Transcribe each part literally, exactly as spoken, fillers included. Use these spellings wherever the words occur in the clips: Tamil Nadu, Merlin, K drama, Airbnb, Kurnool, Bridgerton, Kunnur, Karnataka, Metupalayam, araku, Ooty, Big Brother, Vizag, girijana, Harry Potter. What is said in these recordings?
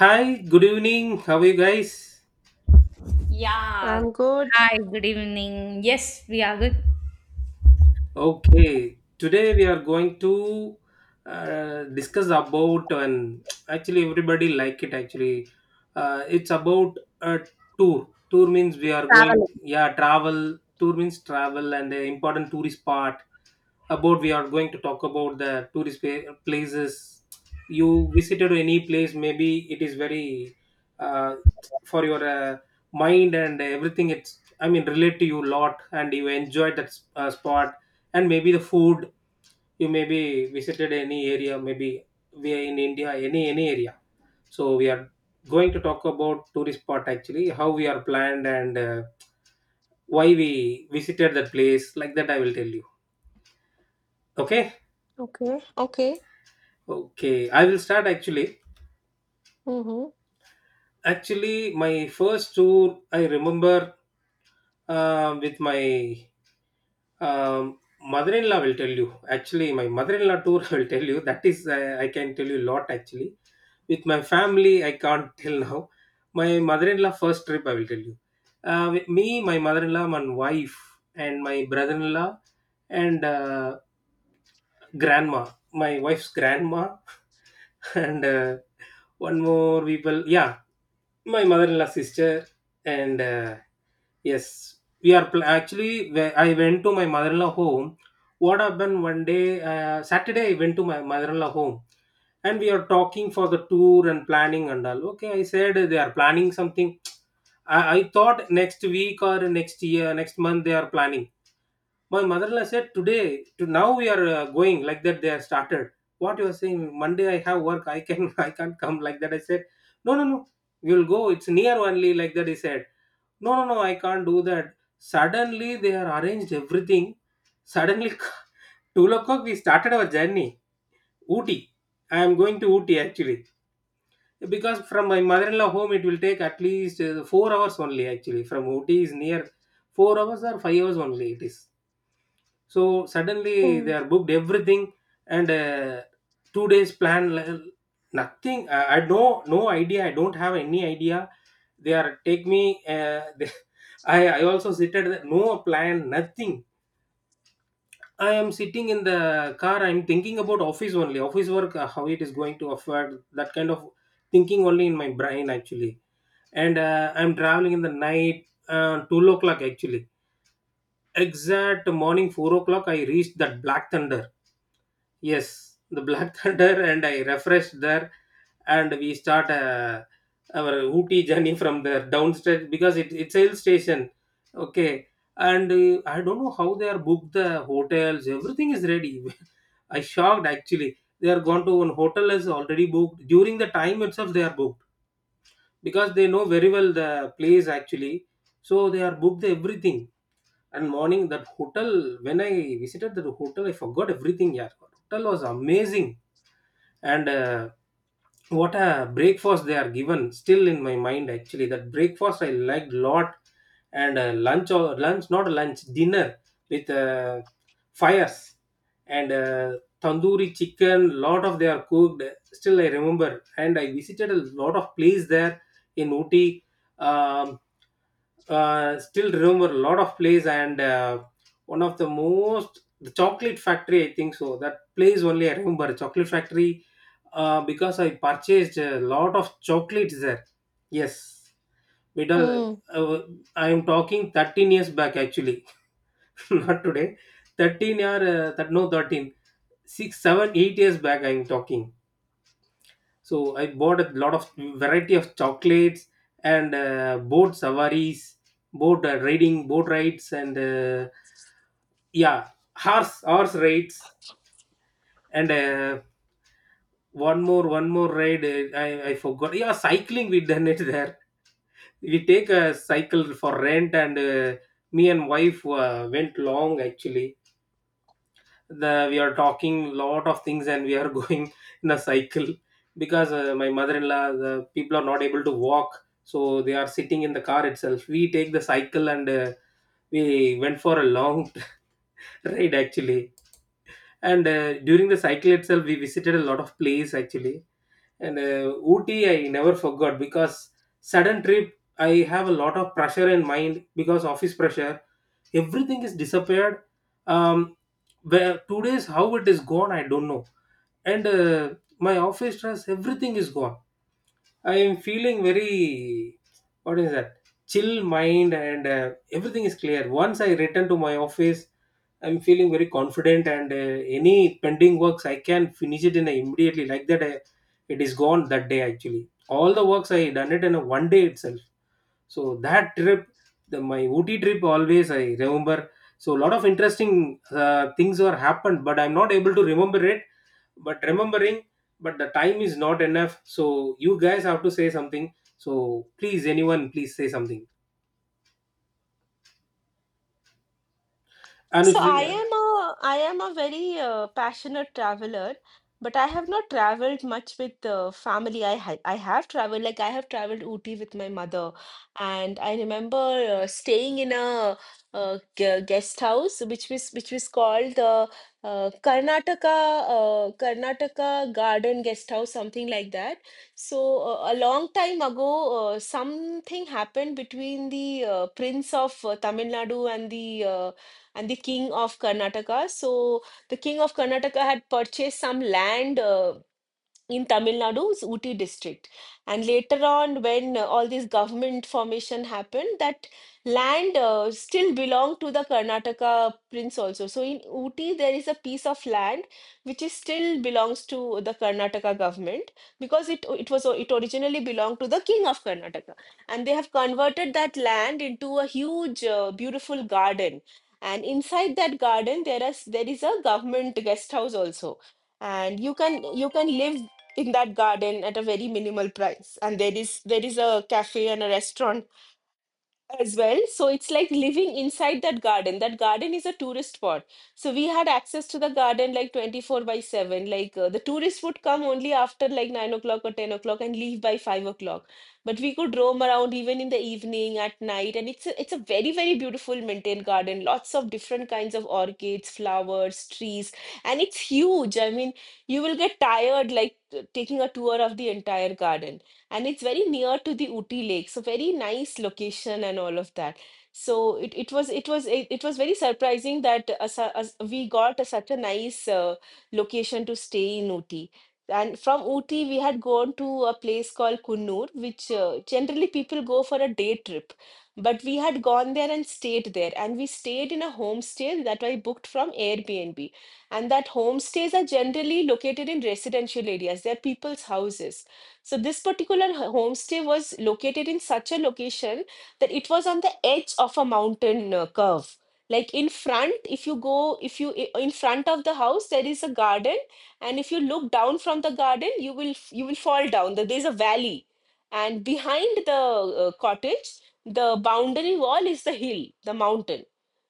Hi, good evening. How are you guys? Yeah. I'm good. Hi, good evening. Yes, we are good. Okay, today we are going to uh, discuss about and actually everybody like it actually. Uh, it's about a tour. Tour means we are going, Travel. yeah, travel. Tour means travel and the important tourist part about we are going to talk about the tourist pa- places. You visited any place maybe it is very uh, for your uh, mind and everything. It's I mean relate to you a lot and you enjoyed that s- uh, spot, and maybe the food you maybe visited any area. Maybe we are in india, any any area, so we are going to talk about tourist spot actually. How we are planned, and uh, why we visited that place, like that I will tell you. Okay. Okay. Okay. Okay, I will start actually. Mm-hmm. Actually, my first tour I remember uh, with my um, mother-in-law, will tell you. Actually, my mother-in-law tour, I will tell you. That is, uh, I can tell you a lot actually. With my family, I can't tell now. My mother-in-law first trip I will tell you. Uh, with me, my mother-in-law, my wife, and my brother-in-law, and uh, grandma, my wife's grandma, and uh, one more people. Yeah, my mother-in-law sister, and uh, yes, we are pl- actually wh- I went to my mother-in-law home. What happened one day, uh, saturday I went to my mother-in-law home, and we are talking for the tour and planning and all. Okay, I said they are planning something. I, I thought next week or next year next month they are planning. My mother-in-law said, "Today, to now we are uh, going, like that. They have started. What you are saying? Monday I have work. I can I can't come, like that." I said, "No, no, no. You will go. It's near only." Like that, he said, "No, no, no. I can't do that." Suddenly they are arranged everything. Suddenly, two o'clock we started our journey. Ooty. I am going to Ooty actually, because from my mother-in-law home it will take at least uh, four hours only actually. From Ooty is near four hours or five hours only it is. So suddenly they are booked everything, and uh, two days plan, like, nothing. I, I no no idea, I don't have any idea. They are take me uh, they, i i also sit at the, no plan, nothing. I am sitting in the car, I'm thinking about office only, office work, uh, how it is going to afford, that kind of thinking only in my brain actually. And uh, I'm traveling in the night, uh, two o'clock actually, exact morning four o'clock I reached that black thunder. Yes, the Black Thunder, and I refreshed there, and we start uh, our Ooty journey from there downstairs because it, it's a hill station. Okay, and uh, I don't know how they are booked the hotels. Everything is ready. I shocked actually. They are gone to one hotel, is already booked during the time itself. They are booked because they know very well the place actually, so they are booked everything. And morning that hotel, when I visited the hotel, I forgot everything. Yeah, hotel was amazing, and uh, what a breakfast they are given, still in my mind actually, that breakfast I liked lot. And uh, lunch or lunch, not lunch, dinner, with uh, fires and uh, tandoori chicken, lot of they are cooked, still I remember. And I visited a lot of place there, in Ooty. um, uh, Still remember a lot of place, and uh, one of the most, the chocolate factory I think so. That place only I remember, chocolate factory, uh, because I purchased a lot of chocolates there. Yes, because Mm-hmm. uh, I am talking thirteen years back actually, not today. thirteen or uh, that no, thirteen, six, seven, eight years back I am talking. So I bought a lot of variety of chocolates, and uh, boat safaris, boat uh, riding, boat rides, and uh, yeah, horse horse rides, and uh, one more one more ride, uh, I, I forgot. Yeah, cycling we done it there. We take a cycle for rent, and uh, me and wife uh, went long actually. The, we are talking lot of things, and we are going in a cycle because uh, my mother-in-law, the people are not able to walk, so they are sitting in the car itself. We take the cycle, and uh, we went for a long ride actually. And uh, during the cycle itself we visited a lot of place actually. And uh, Ooty I never forgot because sudden trip, I have a lot of pressure in mind because office pressure, everything is disappeared. um where two days how it is gone I don't know. And uh, my office stress everything is gone. I am feeling very, what is that, chill mind, and uh, everything is clear. Once I return to my office, I'm feeling very confident, and uh, any pending works I can finish it in a immediately. Like that, I, it is gone that day actually. All the works I done it in a one day itself. So that trip, the my Ooty trip always I remember. So a lot of interesting uh, things were happened, but I'm not able to remember it, but remembering, but the time is not enough, so you guys have to say something. So please anyone please say something. So Anushri, I uh, am a I am a very uh, passionate traveler, but I have not traveled much with uh, family. I ha I have traveled like I have traveled Ooty with my mother, and I remember uh, staying in a uh, gu- guest house which was which was called the uh, Karnataka uh, Karnataka Garden Guest House, something like that. So uh, a long time ago, uh, something happened between the uh, Prince of uh, Tamil Nadu and the uh, and the king of Karnataka. So the king of Karnataka had purchased some land Uh, in Tamil Nadu's Ooty district. And later on, when uh, all this government formation happened, that land uh, still belonged to the Karnataka prince also. So in Ooty, there is a piece of land which is still belongs to the Karnataka government because it it was it originally belonged to the king of Karnataka, and they have converted that land into a huge, uh, beautiful garden. And inside that garden, there is there is a government guest house also, and you can you can live in that garden at a very minimal price, and there is there is a cafe and a restaurant as well. So it's like living inside that garden. That garden is a tourist spot. So we had access to the garden like twenty-four by seven. Like uh, the tourists would come only after like nine o'clock or ten o'clock and leave by five o'clock. But we could roam around even in the evening, at night. And it's a, it's a very, very beautiful maintained garden. Lots of different kinds of orchids, flowers, trees. And it's huge. I mean, you will get tired like t- taking a tour of the entire garden, and it's very near to the Ooty Lake, so very nice location and all of that. So it, it was it was it, it was very surprising that uh, su- us- we got a such a nice uh, location to stay in Ooty. And from Ooty, we had gone to a place called Kunnur, which uh, generally people go for a day trip. But we had gone there and stayed there, and we stayed in a homestay that I booked from Airbnb. And that homestays are generally located in residential areas, they're people's houses. So this particular h- homestay was located in such a location that it was on the edge of a mountain uh, curve. Like in front, if you go, if you I- in front of the house, there is a garden, and if you look down from the garden, you will f- you will fall down. There is a valley, and behind the uh, cottage, the boundary wall is the hill, the mountain.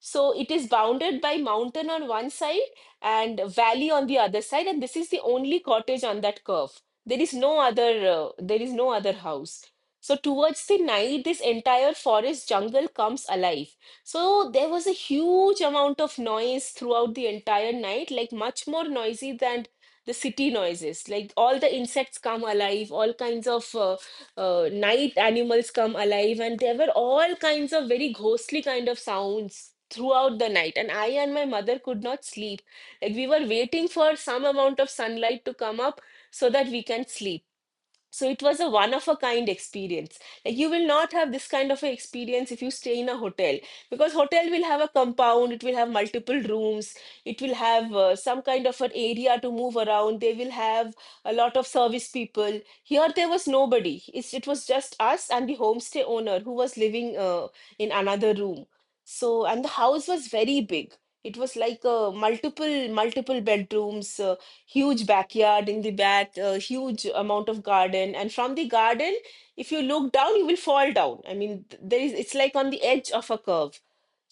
So it is bounded by mountain on one side and valley on the other side, and this is the only cottage on that curve. There is no other, uh, there is no other house. So towards the night, this entire forest jungle comes alive. So there was a huge amount of noise throughout the entire night, like much more noisy than the city noises. Like all the insects come alive, all kinds of uh, uh, night animals come alive, and there were all kinds of very ghostly kind of sounds throughout the night. And I and my mother could not sleep. Like we were waiting for some amount of sunlight to come up so that we can sleep. So it was a one of a kind experience. Like you will not have this kind of an experience if you stay in a hotel, because hotel will have a compound, it will have multiple rooms, it will have uh, some kind of an area to move around, they will have a lot of service people. Here there was nobody. It's, it was just us and the homestay owner who was living uh, in another room. So and the house was very big. It was like uh, multiple multiple bedrooms, uh, huge backyard in the back, a huge amount of garden. And from the garden, if you look down, you will fall down. I mean, th- there is, it's like on the edge of a curve.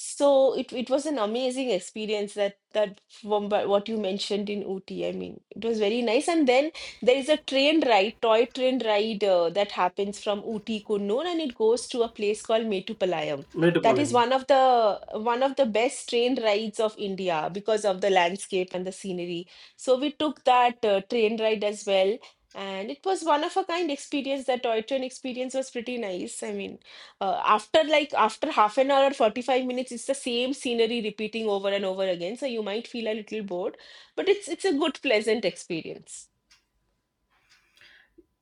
So it, it was an amazing experience, that that from wha- what you mentioned in Ooty. I mean, it was very nice. And then there is a train ride, toy train ride uh, that happens from Ooty Kurnool and it goes to a place called Metupalayam. That is metropolitan. one of the one of the best train rides of India because of the landscape and the scenery. So we took that uh, train ride as well. And it was one of a kind experience. That toy train experience was pretty nice. I mean, uh, after like after half an hour or forty-five minutes, it's the same scenery repeating over and over again. So you might feel a little bored, but it's it's a good, pleasant experience.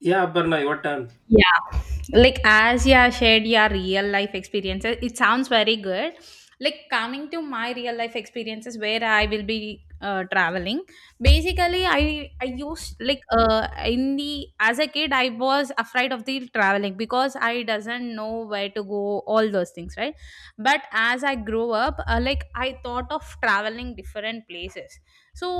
Yeah Aparna, your turn. Yeah, like as you have shared your real life experiences, it sounds very good. Like coming to my real life experiences where I will be uh, traveling. Basically, I I used, like, uh in the as a kid, I was afraid of the traveling because I doesn't know where to go, all those things, right. But as I grew up, uh, like I thought of traveling different places. So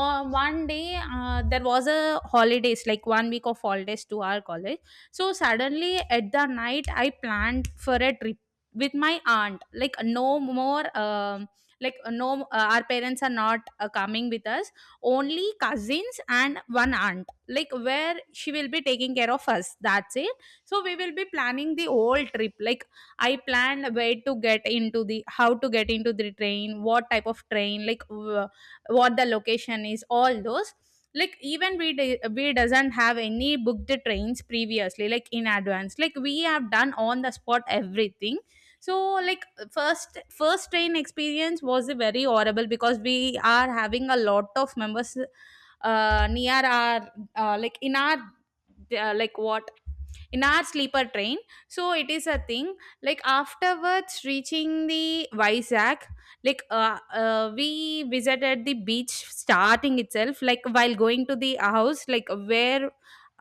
uh, one day uh, there was a holidays, like one week of holidays to our college, so suddenly at the night, I planned for a trip with my aunt. Like no more, um, like no, uh, our parents are not uh, coming with us. Only cousins and one aunt. Like where she will be taking care of us. That's it. So we will be planning the whole trip. Like I planned where to get into the, how to get into the train, what type of train, like w- what the location is, all those. Like even we de- we doesn't have any booked trains previously, like in advance, like we have done on the spot, everything. So like first first train experience was very horrible because we are having a lot of members uh, near our, uh, like in our, uh, like what, in our sleeper train. So it is a thing. Like afterwards reaching the Vizag, like uh, uh, we visited the beach starting itself. Like while going to the house, like where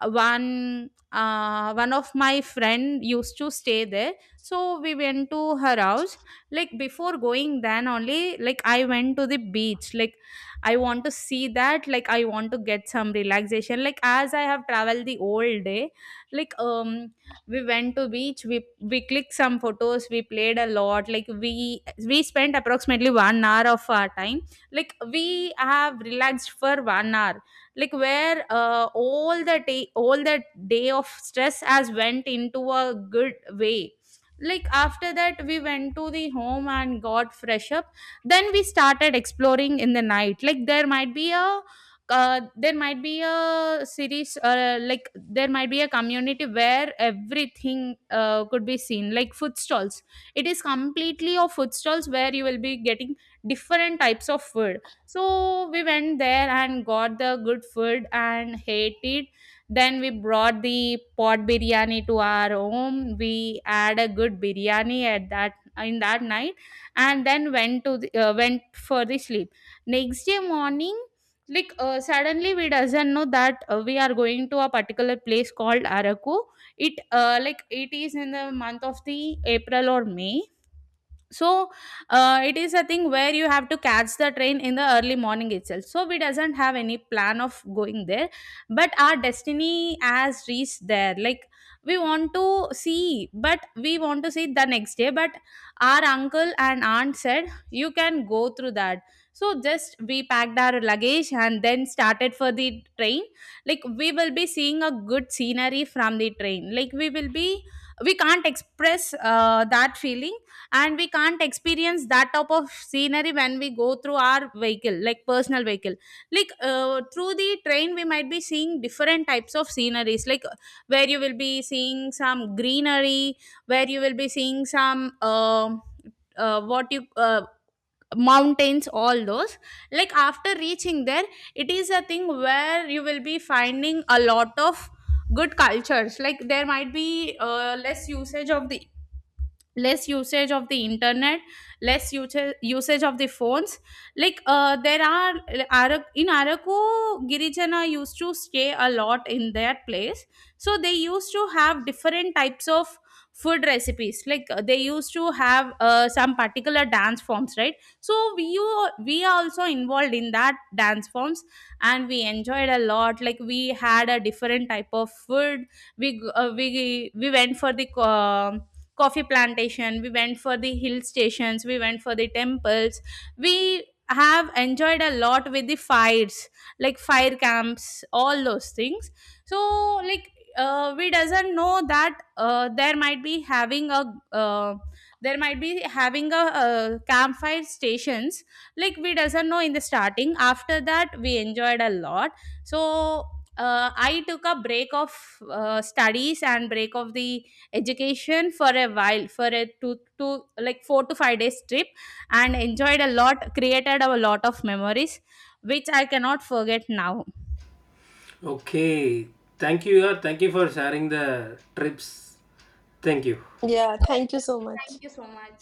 one uh, one of my friend used to stay there. So we went to her house. Like before going, then only like I went to the beach. Like I want to see that. Like I want to get some relaxation. Like, as I have traveled the whole day, like um we went to beach, we we clicked some photos, we played a lot, like we we spent approximately one hour of our time, like we have relaxed for one hour, like where uh, all the day all the day of stress has went into a good way. Like after that, we went to the home and got fresh up. Then we started exploring in the night, like there might be a uh, there might be a series, uh, like there might be a community where everything uh, could be seen, like food stalls. It is completely of food stalls where you will be getting different types of food. So we went there and got the good food and ate it. Then we brought the pot biryani to our home. We had a good biryani at that, in that night. And then went to the, uh, went for the sleep. Next day morning, like uh, suddenly we doesn't know that uh, we are going to a particular place called Araku. It uh, like it is in the month of the April or May. So uh, it is a thing where you have to catch the train in the early morning itself, so we doesn't have any plan of going there. But our destiny has reached there. Like we want to see, but we want to see the next day, but our uncle and aunt said you can go through that. So just we packed our luggage and then started for the train. Like we will be seeing a good scenery from the train, like we will be, we can't express uh, that feeling. And we can't experience that type of scenery when we go through our vehicle, like personal vehicle. Like uh, through the train, we might be seeing different types of sceneries, like uh, where you will be seeing some greenery, where you will be seeing some um uh, what you uh, mountains, all those. Like after reaching there, it is a thing where you will be finding a lot of good cultures, like there might be uh, less usage of the less usage of the internet, less usa- usage of the phones. Like uh, there are, Ara- in Araku, girijana used to stay a lot in their place. So they used to have different types of food recipes, like uh, they used to have uh, some particular dance forms, right? So we you we are also involved in that dance forms, and we enjoyed a lot, like we had a different type of food. We g- uh, we we went for the um coffee plantation. We went for the hill stations. We went for the temples. We have enjoyed a lot with the fires, like fire camps, all those things. So like uh, we doesn't know that uh, there might be having a uh, there might be having a, uh campfire stations. Like we doesn't know in the starting. After that, we enjoyed a lot. So uh, I took a break of uh, studies and break of the education for a while, for a two to, like, four to five days trip, and enjoyed a lot, created a lot of memories which I cannot forget now. Okay, thank you. Yeah. Thank you for sharing the trips. Thank you. Yeah, thank you so much. Thank you so much.